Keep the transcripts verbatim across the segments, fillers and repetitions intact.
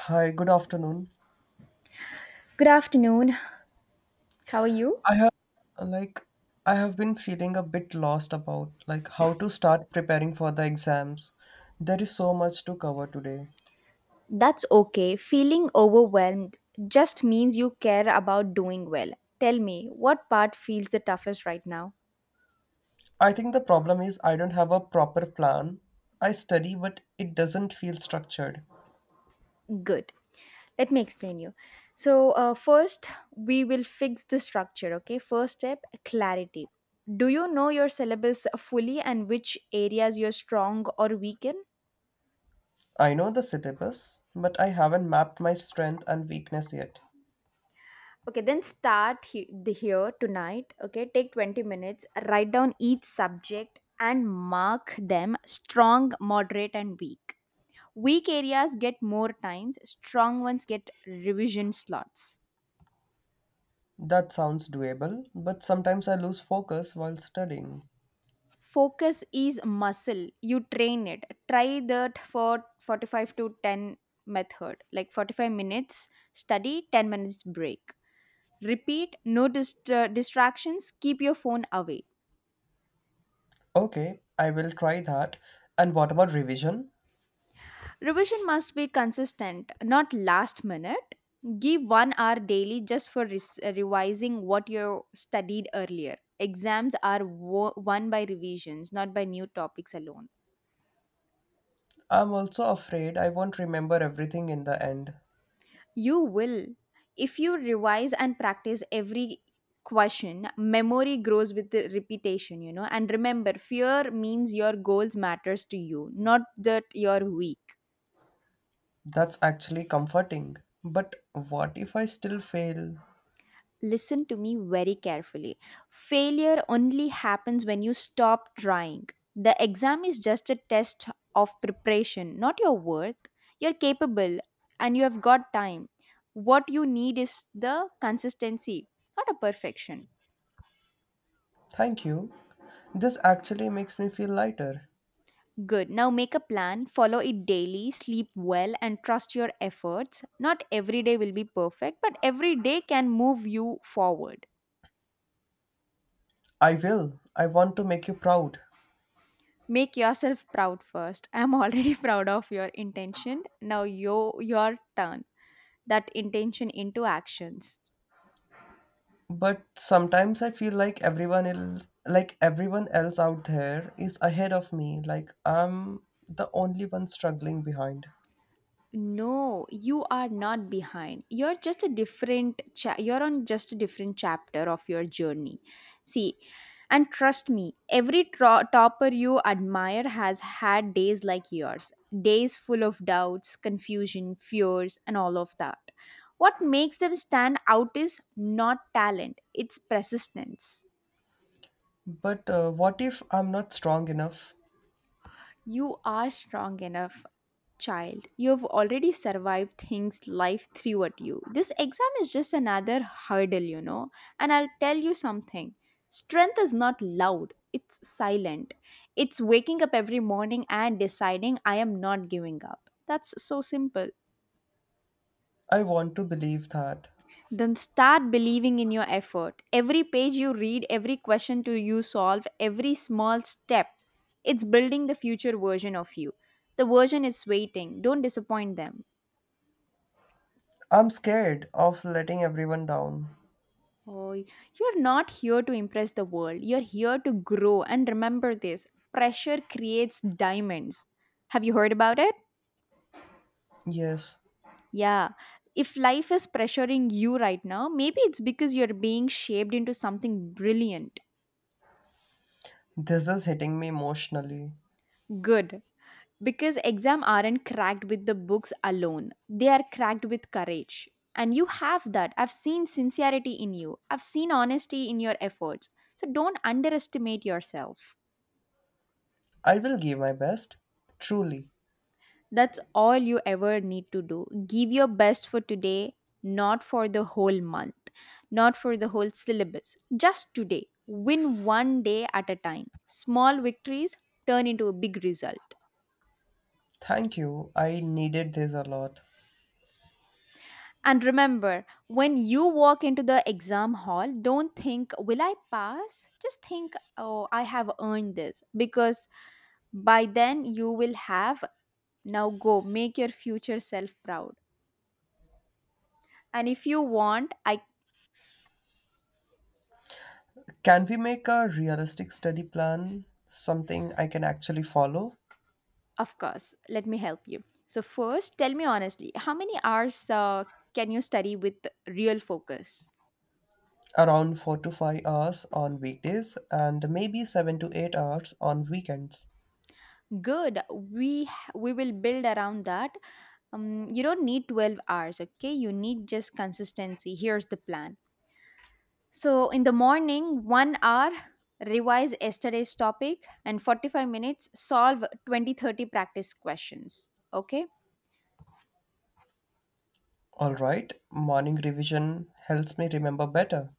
Hi, good afternoon. Good afternoon. How are you? I have like I have been feeling a bit lost about like how to start preparing for the exams. There is so much to cover today. That's okay. Feeling overwhelmed just means you care about doing well. Tell me, what part feels the toughest right now? I think the problem is I don't have a proper plan. I study but it doesn't feel structured. Good. Let me explain you. So, uh, first, we will fix the structure, okay? First step clarity. Do you know your syllabus fully and which areas you're strong or weak in? I know the syllabus, but I haven't mapped my strength and weakness yet. Okay, then start he- the here tonight. Okay, take twenty minutes, write down each subject and mark them strong, moderate, and weak. Weak areas get more times, strong ones get revision slots. That sounds doable, but sometimes I lose focus while studying. Focus is muscle. You train it. Try that for forty-five to ten method, like forty-five minutes study, ten minutes break. Repeat, no dist- uh, distractions, keep your phone away. Okay, I will try that. And what about revision? Revision must be consistent, not last minute. Give one hour daily just for res- revising what you studied earlier. Exams are wo- won by revisions, not by new topics alone. I'm also afraid I won't remember everything in the end. You will. If you revise and practice every question, memory grows with the repetition, you know. And remember, fear means your goals matters to you, not that you're weak. That's actually comforting. But what if I still fail? Listen to me very carefully. Failure only happens when you stop trying. The exam is just a test of preparation, not your worth. You're capable and you have got time. What you need is the consistency, not a perfection. Thank you. This actually makes me feel lighter. Good. Now make a plan, follow it daily, sleep well, and trust your efforts. Not every day will be perfect, but every day can move you forward. I will. I want to make you proud. Make yourself proud first. I'm already proud of your intention. Now yo your turn that intention into actions. But sometimes I feel like everyone else like everyone else out there is ahead of me, like I'm the only one struggling behind. No, you are not behind. You're just a different cha- you're on just a different chapter of your journey. See, and trust me, every tro- topper you admire has had days like yours. Days full of doubts, confusion, fears and all of that. What makes them stand out is not talent, it's persistence. But uh, what if I'm not strong enough? You are strong enough, child. You have already survived things life threw at you. This exam is just another hurdle, you know. And I'll tell you something. Strength is not loud, it's silent. It's waking up every morning and deciding I am not giving up. That's so simple. I want to believe that. Then start believing in your effort. Every page you read, every question to you solve, every small step, it's building the future version of you. The version is waiting. Don't disappoint them. I'm scared of letting everyone down. Oh, you're not here to impress the world. You're here to grow. And remember this: pressure creates diamonds. Have you heard about it? Yes, Yeah. If life is pressuring you right now, maybe it's because you're being shaped into something brilliant, this is hitting me emotionally. good, because exams aren't cracked with the books alone, they are cracked with courage, and you have that. I've seen sincerity in you, I've seen honesty in your efforts, so don't underestimate yourself. I will give my best. Truly. That's all you ever need to do: give your best for today, not for the whole month, not for the whole syllabus, just today. Win one day at a time. Small victories turn into a big result. Thank you. I needed this a lot. And remember, when you walk into the exam hall, don't think, will I pass? Just think, oh, I have earned this. Because by then you will have, now go make your future self proud. And if you want, I, Can we make a realistic study plan? Something I can actually follow? of course, let me help you. So, first, tell me honestly, how many hours uh, can you study with real focus? Around four to five hours on weekdays and maybe seven to eight hours on weekends. Good. We we will build around that. Um, you don't need twelve hours, okay? You need just consistency. Here's the plan. So, in the morning, one hour, revise yesterday's topic, and forty-five minutes, solve twenty to thirty practice questions. Okay, Alright, morning revision helps me remember better.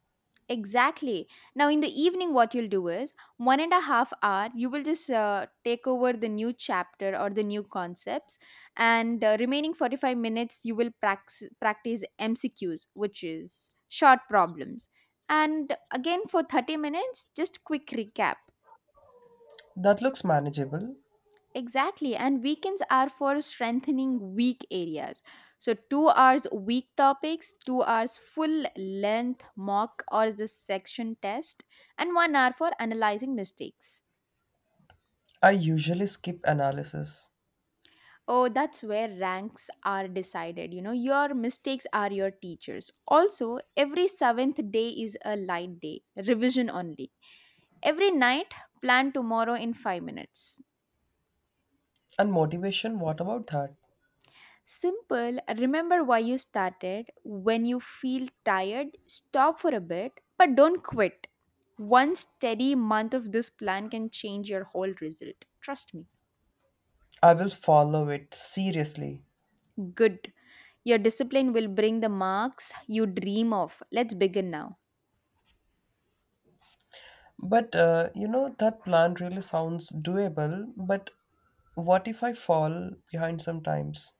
exactly. Now, in the evening, what you'll do is one and a half hour, you will just uh, take over the new chapter or the new concepts, and uh, remaining forty-five minutes, you will prax- practice M C Qs, which is short problems. And again, for thirty minutes, just quick recap. That looks manageable. Exactly. And weekends are for strengthening weak areas. So, two hours weak topics, two hours full length mock or the section test, and one hour for analyzing mistakes. I usually skip analysis. Oh, that's where ranks are decided. You know, your mistakes are your teachers. Also, every seventh day is a light day, revision only. Every night, plan tomorrow in five minutes. And motivation, what about that? Simple, remember why you started. When you feel tired, stop for a bit, but don't quit. One steady month of this plan can change your whole result. Trust me. I will follow it seriously. Good. Your discipline will bring the marks you dream of. Let's begin now. But uh, you know, that plan really sounds doable, but what if I fall behind sometimes?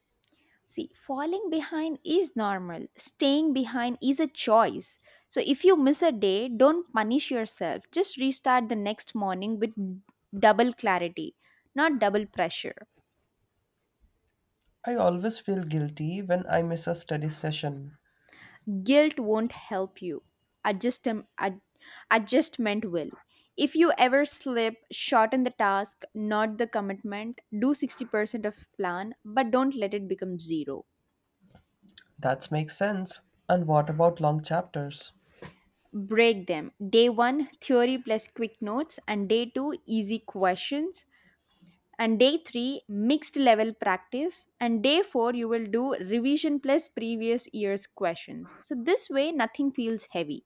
See, falling behind is normal. Staying behind is a choice. So if you miss a day, don't punish yourself. Just restart the next morning with double clarity, not double pressure. I always feel guilty when I miss a study session. Guilt won't help you. Adjust ad, adjustment will. If you ever slip, shorten the task, not the commitment. Do sixty percent of plan, but don't let it become zero. That makes sense. And what about long chapters? Break them: day one theory plus quick notes, and day two easy questions, and day three mixed level practice, and day four you will do revision plus previous year's questions. So this way nothing feels heavy.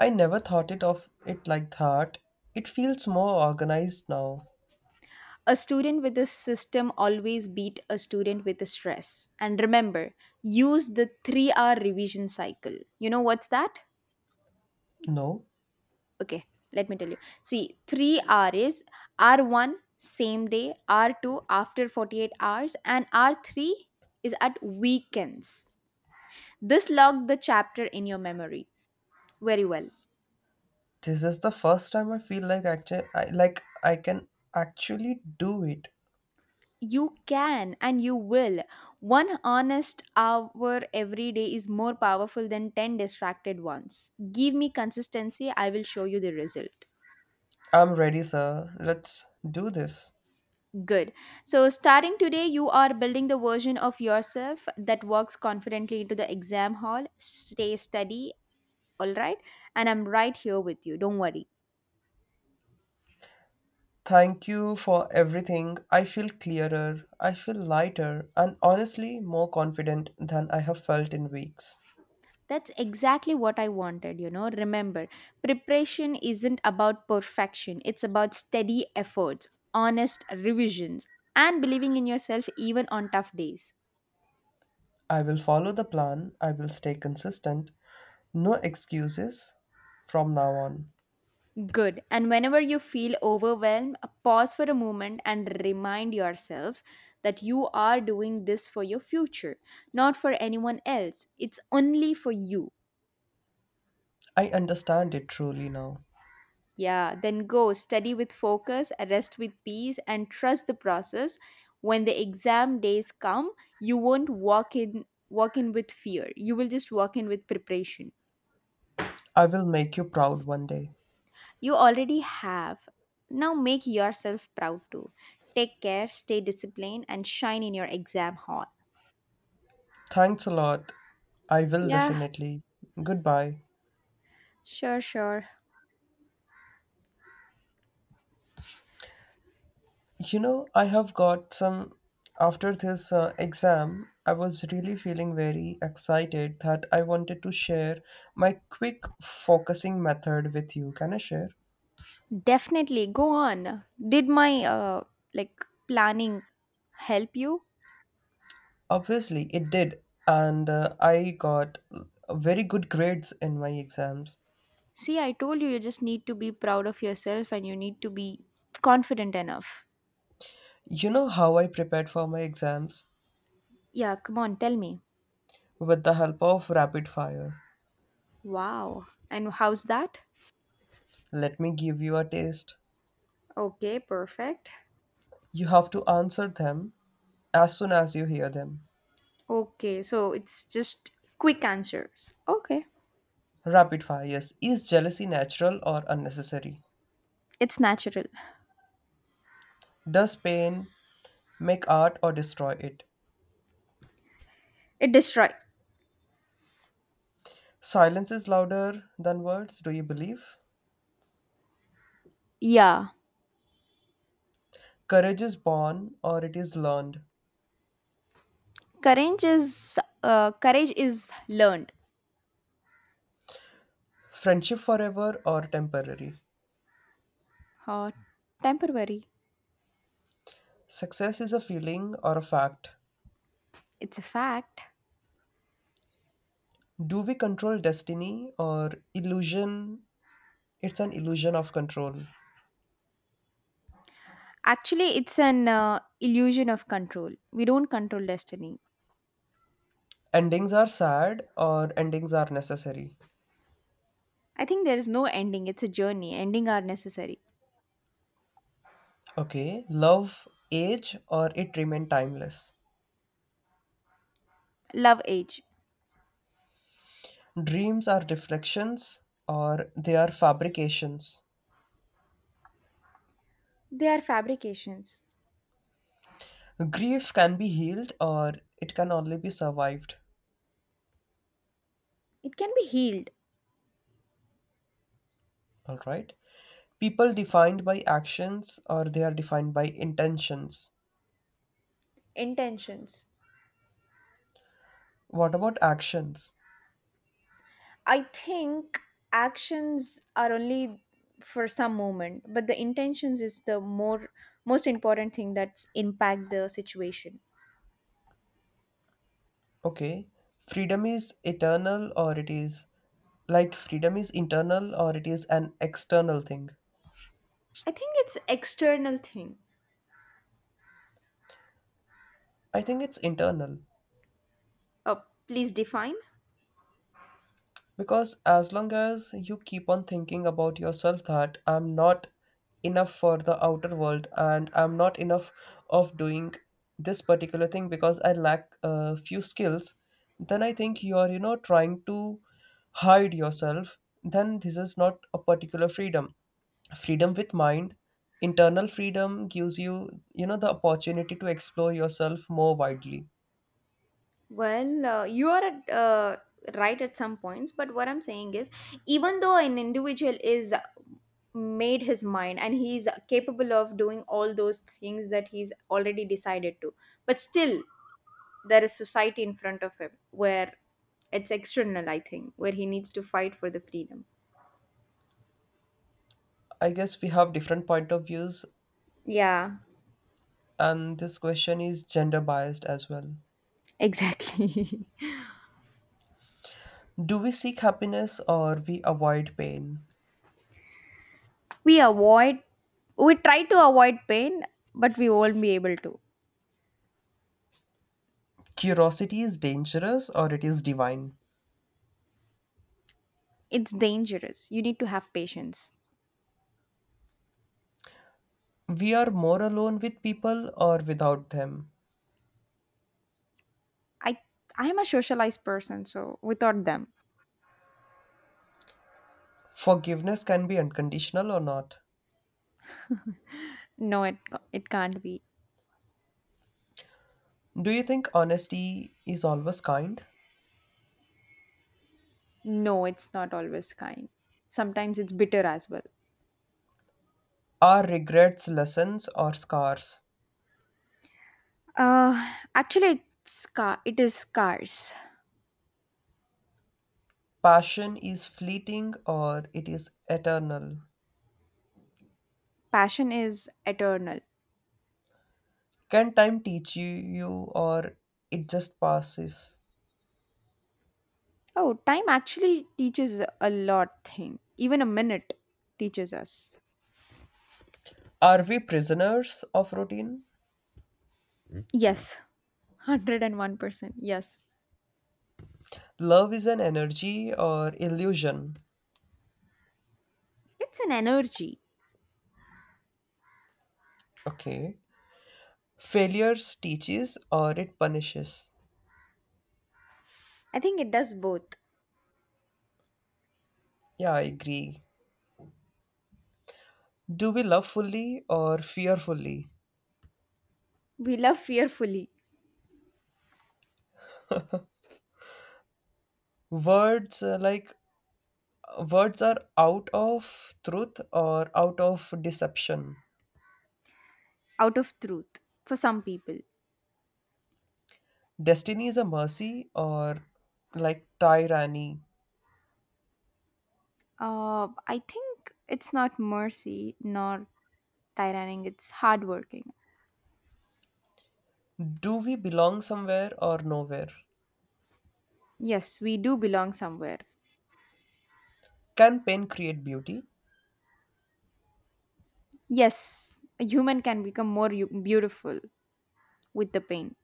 I never thought it of it like that. It feels more organized now. A student with a system always beat a student with a stress. And remember, use the three R revision cycle. You know what's that? No, Okay, let me tell you. See, three R is R one same day, R two after forty-eight hours and R three is at weekends. This log the chapter in your memory very well. this is the first time I feel like actually I, like I can actually do it. You can and you will. One honest hour every day is more powerful than ten distracted ones. Give me consistency, I will show you the result. I'm ready, sir. Let's do this. Good. So, starting today, you are building the version of yourself that walks confidently into the exam hall. Stay steady, all right? And I'm right here with you. Don't worry. Thank you for everything. I feel clearer, I feel lighter, and honestly more confident than I have felt in weeks. That's exactly what I wanted, you know. Remember, preparation isn't about perfection, it's about steady efforts, honest revisions, and believing in yourself even on tough days. I will follow the plan, I will stay consistent. No excuses from now on. Good. And whenever you feel overwhelmed, pause for a moment and remind yourself that you are doing this for your future, not for anyone else. It's only for you. I understand it truly now. Yeah, then go study with focus, rest with peace, and trust the process. When the exam days come, you won't walk in walk in with fear. You will just walk in with preparation. I will make you proud one day. You already have. Now make yourself proud too. Take care, stay disciplined, and shine in your exam hall. Thanks a lot. I will Yeah, definitely. Goodbye. sure, sure. You know, I have got some. After this uh, exam, I was really feeling very excited that I wanted to share my quick focusing method with you. Can I share? Definitely go on. Did my uh like planning help you? Obviously, it did. And uh, I got very good grades in my exams. See, I told you, you just need to be proud of yourself and you need to be confident enough. You know how I prepared for my exams? Yeah, come on, tell me. With the help of rapid fire. Wow. And how's that? Let me give you a taste. Okay, perfect. You have to answer them as soon as you hear them. Okay, so it's just quick answers. Okay, Rapid fire, yes. Is jealousy natural or unnecessary? it's natural. Does pain make art or destroy it? It destroy. Silence is louder than words, do you believe? Yeah, Courage is born or it is learned? courage is uh, courage is learned. Friendship forever or temporary? Uh, temporary. Success is a feeling or a fact? It's a fact. Do we control destiny or illusion? It's an illusion of control. Actually, it's an uh, illusion of control. We don't control destiny. Endings are sad or endings are necessary? I think there is no ending. It's a journey. Ending are necessary. Okay. Love, age, or it remain timeless? Love age. Dreams are reflections or they are fabrications. They are fabrications. Grief can be healed or it can only be survived. It can be healed. All right. People defined by actions or they are defined by intentions. Intentions. What about actions? I think actions are only for some moment, but the intentions is the more most important thing that's impact the situation. Okay. Freedom is eternal or it is like freedom is internal or it is an external thing. I think it's external thing. I think it's internal. Oh, please define. Because as long as you keep on thinking about yourself that I'm not enough for the outer world and I'm not enough of doing this particular thing because I lack a few skills, then I think you are, you know, trying to hide yourself. Then this is not a particular freedom. Freedom with mind, internal freedom gives you, you know, the opportunity to explore yourself more widely. Well, uh, you are at, uh, right at some points, but what I'm saying is, even though an individual is made his mind and he's capable of doing all those things that he's already decided to, but still there is society in front of him where it's external, I think, where he needs to fight for the freedom. I guess we have different point of views. Yeah, And this question is gender biased as well. exactly. Do we seek happiness or we avoid pain? We avoid, we try to avoid pain, but we won't be able to. Curiosity is dangerous or it is divine? It's dangerous. You need to have patience. We are more alone with people or without them? I I am a socialized person, so without them, Forgiveness can be unconditional or not? no, it it can't be. Do you think honesty is always kind? No, it's not always kind. Sometimes it's bitter as well. Are regrets lessons or scars? Uh, actually, it's scar. It is scarce. Passion is fleeting or it is eternal? Passion is eternal. Can time teach you, you or it just passes? Oh, time actually teaches a lot. Thing even a minute teaches us. Are we prisoners of routine? Yes, hundred and one percent. Yes, Love is an energy or illusion. it's an energy. Okay. Failures teaches or it punishes. I think it does both. Yeah, I agree. Do we love fully or fear fully? We love fearfully. Words uh, like words are out of truth or out of deception. Out of truth for some people. Destiny is a mercy or like tyranny. Uh, I think it's not mercy nor tyranning, it's hardworking. Do we belong somewhere or nowhere? Yes, we do belong somewhere. Can pain create beauty? Yes, a human can become more u- beautiful with the pain.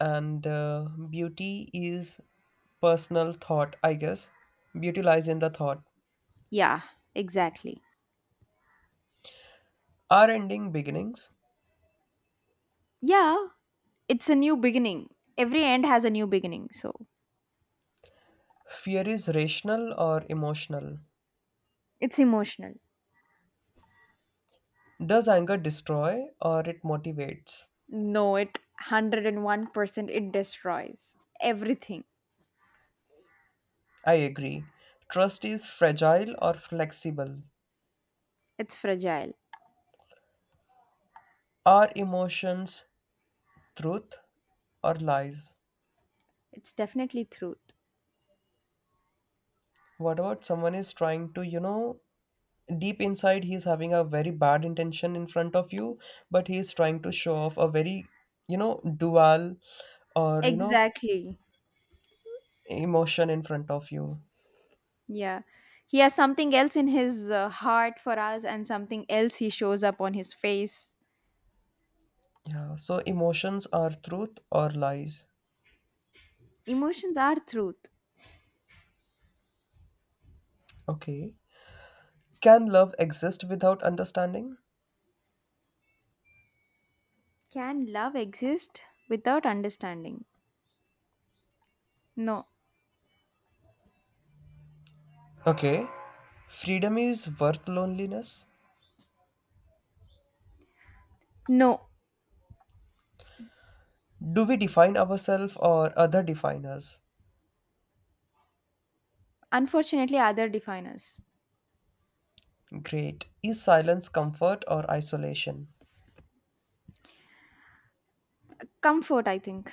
And uh, beauty is personal thought, I guess. Beauty lies in the thought. Yeah, exactly. Are ending beginnings? Yeah, it's a new beginning. Every end has a new beginning, so Fear is rational or emotional? it's emotional. Does anger destroy or it motivates? No, it one hundred one percent it destroys everything. I agree. Trust is fragile or flexible. It's fragile. Are emotions truth or lies? It's definitely truth. What about someone is trying to, you know deep inside he's having a very bad intention in front of you, but he's trying to show off a very, you know dual, or, you know Exactly. emotion in front of you. Yeah. He has something else in his uh, heart for us and something else he shows up on his face. Yeah, so emotions are truth or lies? Emotions are truth. Okay. Can love exist without understanding? Can love exist without understanding? No. Okay. Freedom is worth loneliness? No. Do we define ourselves or other define us? Unfortunately, other define us. Great. Is silence comfort or isolation? Comfort, I think.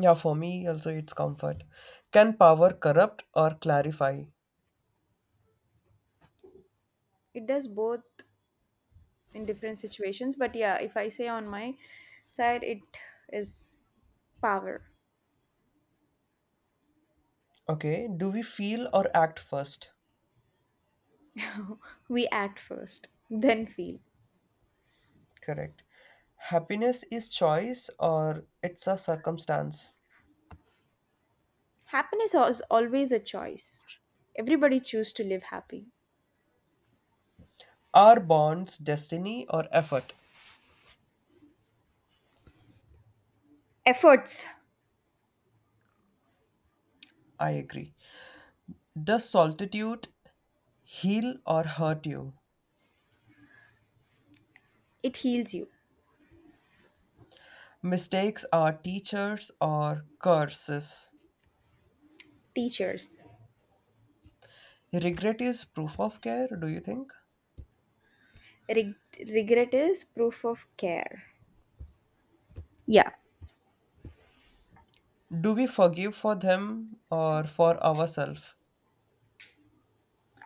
Yeah, for me also it's comfort. Can power corrupt or clarify? It does both in different situations, but yeah, if I say on my side, it is power. Okay, do we feel or act first? We act first, then feel. Correct. Happiness is choice or it's a circumstance? Happiness is always a choice. Everybody choose to live happy. Are bonds destiny or effort? Efforts. I agree. Does solitude heal or hurt you? It heals you. Mistakes are teachers or curses? Teachers. Regret is proof of care, do you think? Reg- regret is proof of care. Yeah. Do we forgive for them or for ourselves?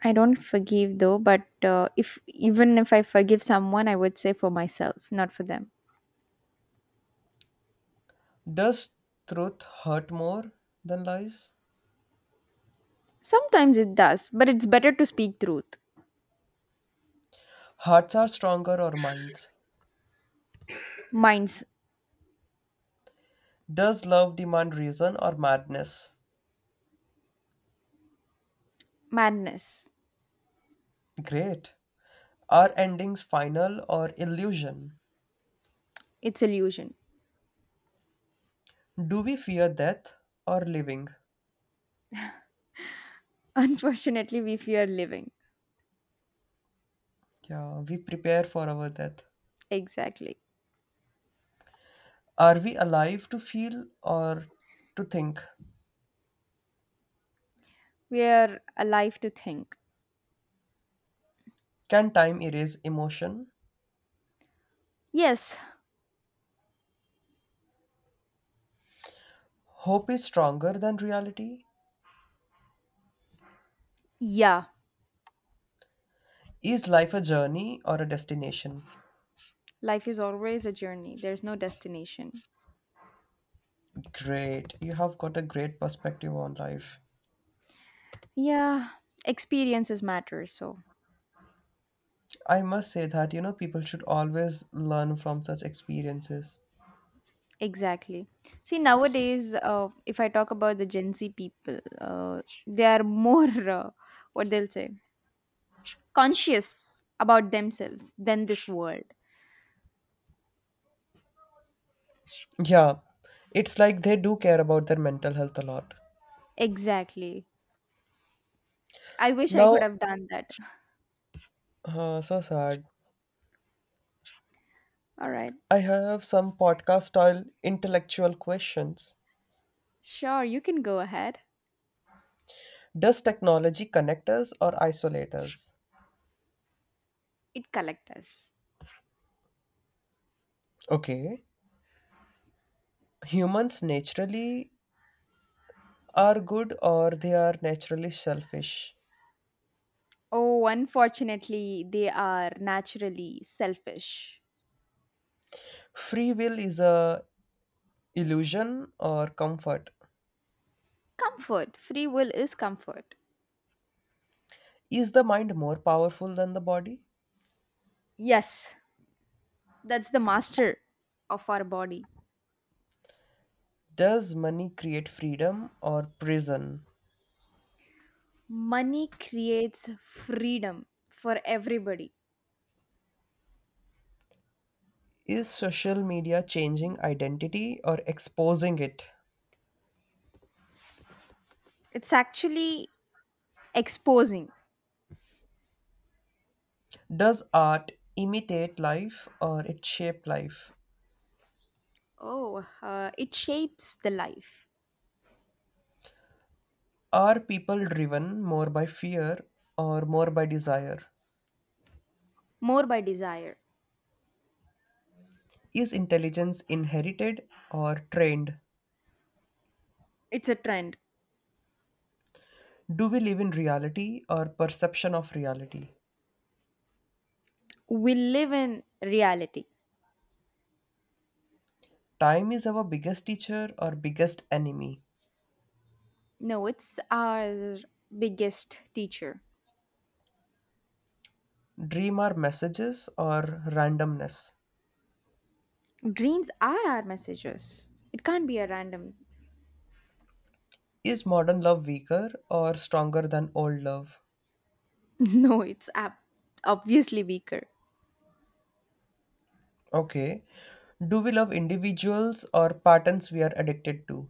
I don't forgive though, but uh, if even if I forgive someone, I would say for myself, not for them. Does truth hurt more than lies? Sometimes it does, but it's better to speak truth. Hearts are stronger or minds? Mind's Does love demand reason or madness? madness. Great. Are endings final or illusion? It's illusion. Do we fear death or living? Unfortunately, we fear living. Yeah, we prepare for our death. Exactly. Are we alive to feel or to think? We are alive to think. Can time erase emotion? Yes. Hope is stronger than reality? Yeah. Is life a journey or a destination? Life is always a journey. There's no destination. Great. You have got a great perspective on life. Yeah. Experiences matter, so I must say that, you know, people should always learn from such experiences. exactly. See, nowadays, uh, if I talk about the Gen Z people, uh, they are more, uh, what they'll say, conscious about themselves than this world. Yeah, it's like they do care about their mental health a lot. Exactly. I wish I could Now, have done that. uh, so sad. All right. I have some podcast style intellectual questions. Sure, you can go ahead. Does technology connect us or isolate us? It collect us. Okay. Humans naturally are good or they are naturally selfish. Oh, unfortunately, they are naturally selfish. Free will is a illusion or comfort. Comfort. Free will is comfort. Is the mind more powerful than the body? Yes, that's the master of our body. Does money create freedom or prison? Money creates freedom for everybody. Is social media changing identity or exposing it? It's actually exposing. Does art imitate life or it shape life? Oh, uh, it shapes the life. Are people driven more by fear or more by desire? More by desire. Is intelligence inherited or trained? It's a trend. Do we live in reality or perception of reality? We live in reality. Time is our biggest teacher or biggest enemy? No, it's our biggest teacher. Dream are messages or randomness? Dreams are our messages. It can't be a random. Is modern love weaker or stronger than old love? No, it's ab- obviously weaker. Okay. Do we love individuals or patterns we are addicted to?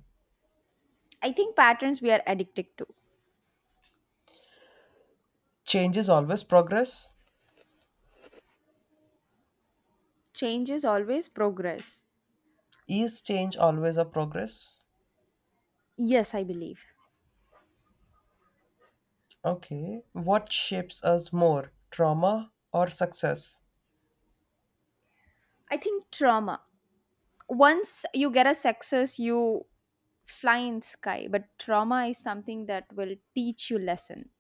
I think patterns we are addicted to. Change is always progress. Change is always progress. Is change always a progress? Yes, I believe. Okay. What shapes us more, trauma or success? I think trauma. Once you get a success you fly in sky, but trauma is something that will teach you lesson,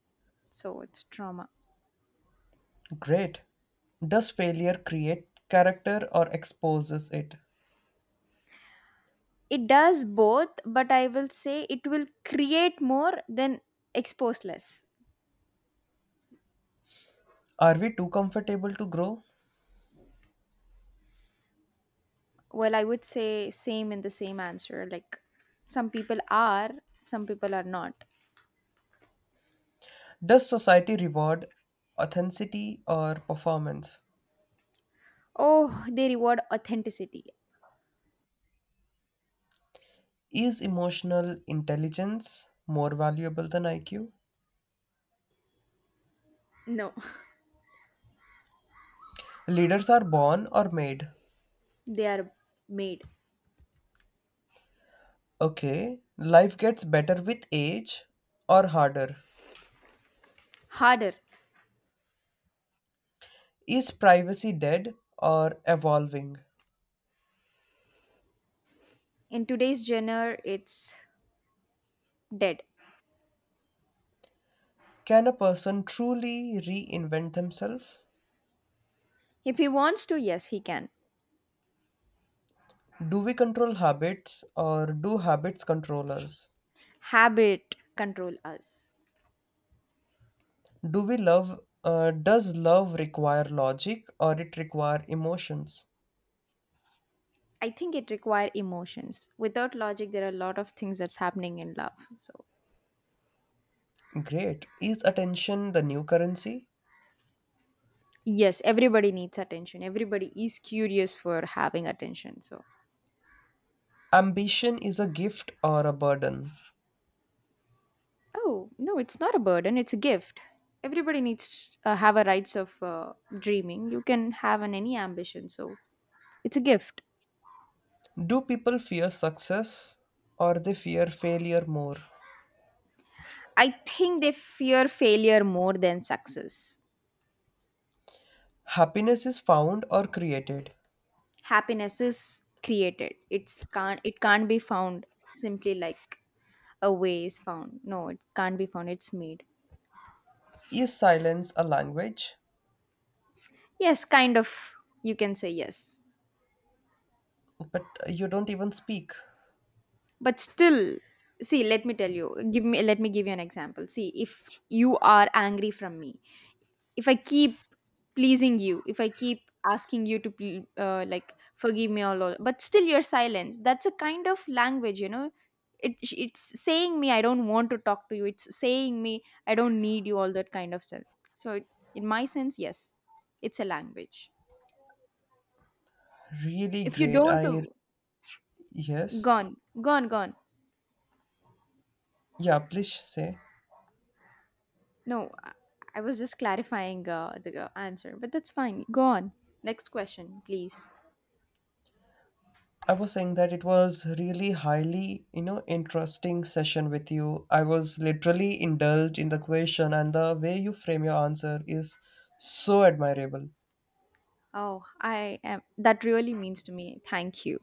so it's trauma. Great. Does failure create character or exposes it? It does both, but I will say it will create more than expose less. Are we too comfortable to grow? Well, I would say same in the same answer, like some people are, some people are not. Does society reward authenticity or performance? Oh, they reward authenticity. Is emotional intelligence more valuable than I Q? No. Leaders are born or made? They are made. Okay, life gets better with age or harder? Harder. Is privacy dead or evolving? In today's genre it's dead. Can a person truly reinvent themselves? If he wants to, yes he can. Do we control habits or do habits control us? Habit control us. Do we love, uh, does love require logic or it require emotions? I think it require emotions. Without logic there are a lot of things that's happening in love, so Great. Is attention the new currency? yes. Everybody needs attention, everybody is curious for having attention, so. Ambition is a gift or a burden? Oh no, it's not a burden, it's a gift. Everybody needs uh, have a rights of uh, dreaming you can have an any ambition, so it's a gift. Do people fear success or they fear failure more? I think they fear failure more than success. Happiness is found or created? Happiness is created. It's can't it can't be found simply, like a way is found. No, it can't be found, it's made. Is silence a language? Yes, kind of, you can say yes. But you don't even speak. But still, see let me tell you, give me let me give you an example. See, if you are angry from me, if I keep pleasing you, if I keep asking you to pl- uh, like forgive me all, all, but still you're silent. That's a kind of language, you know. It it's saying me I don't want to talk to you. It's saying me I don't need you. All that kind of stuff. So it, in my sense, yes, it's a language. Really If you great. don't, I yes. gone, gone, gone. Yeah, please say. No, I I was just clarifying uh, the uh, answer, but that's fine. Go on. Next question, please. I was saying that it was really highly, you know, interesting session with you. I was literally indulged in the question and the way you frame your answer is so admirable. Oh, I am. That really means to me. Thank you.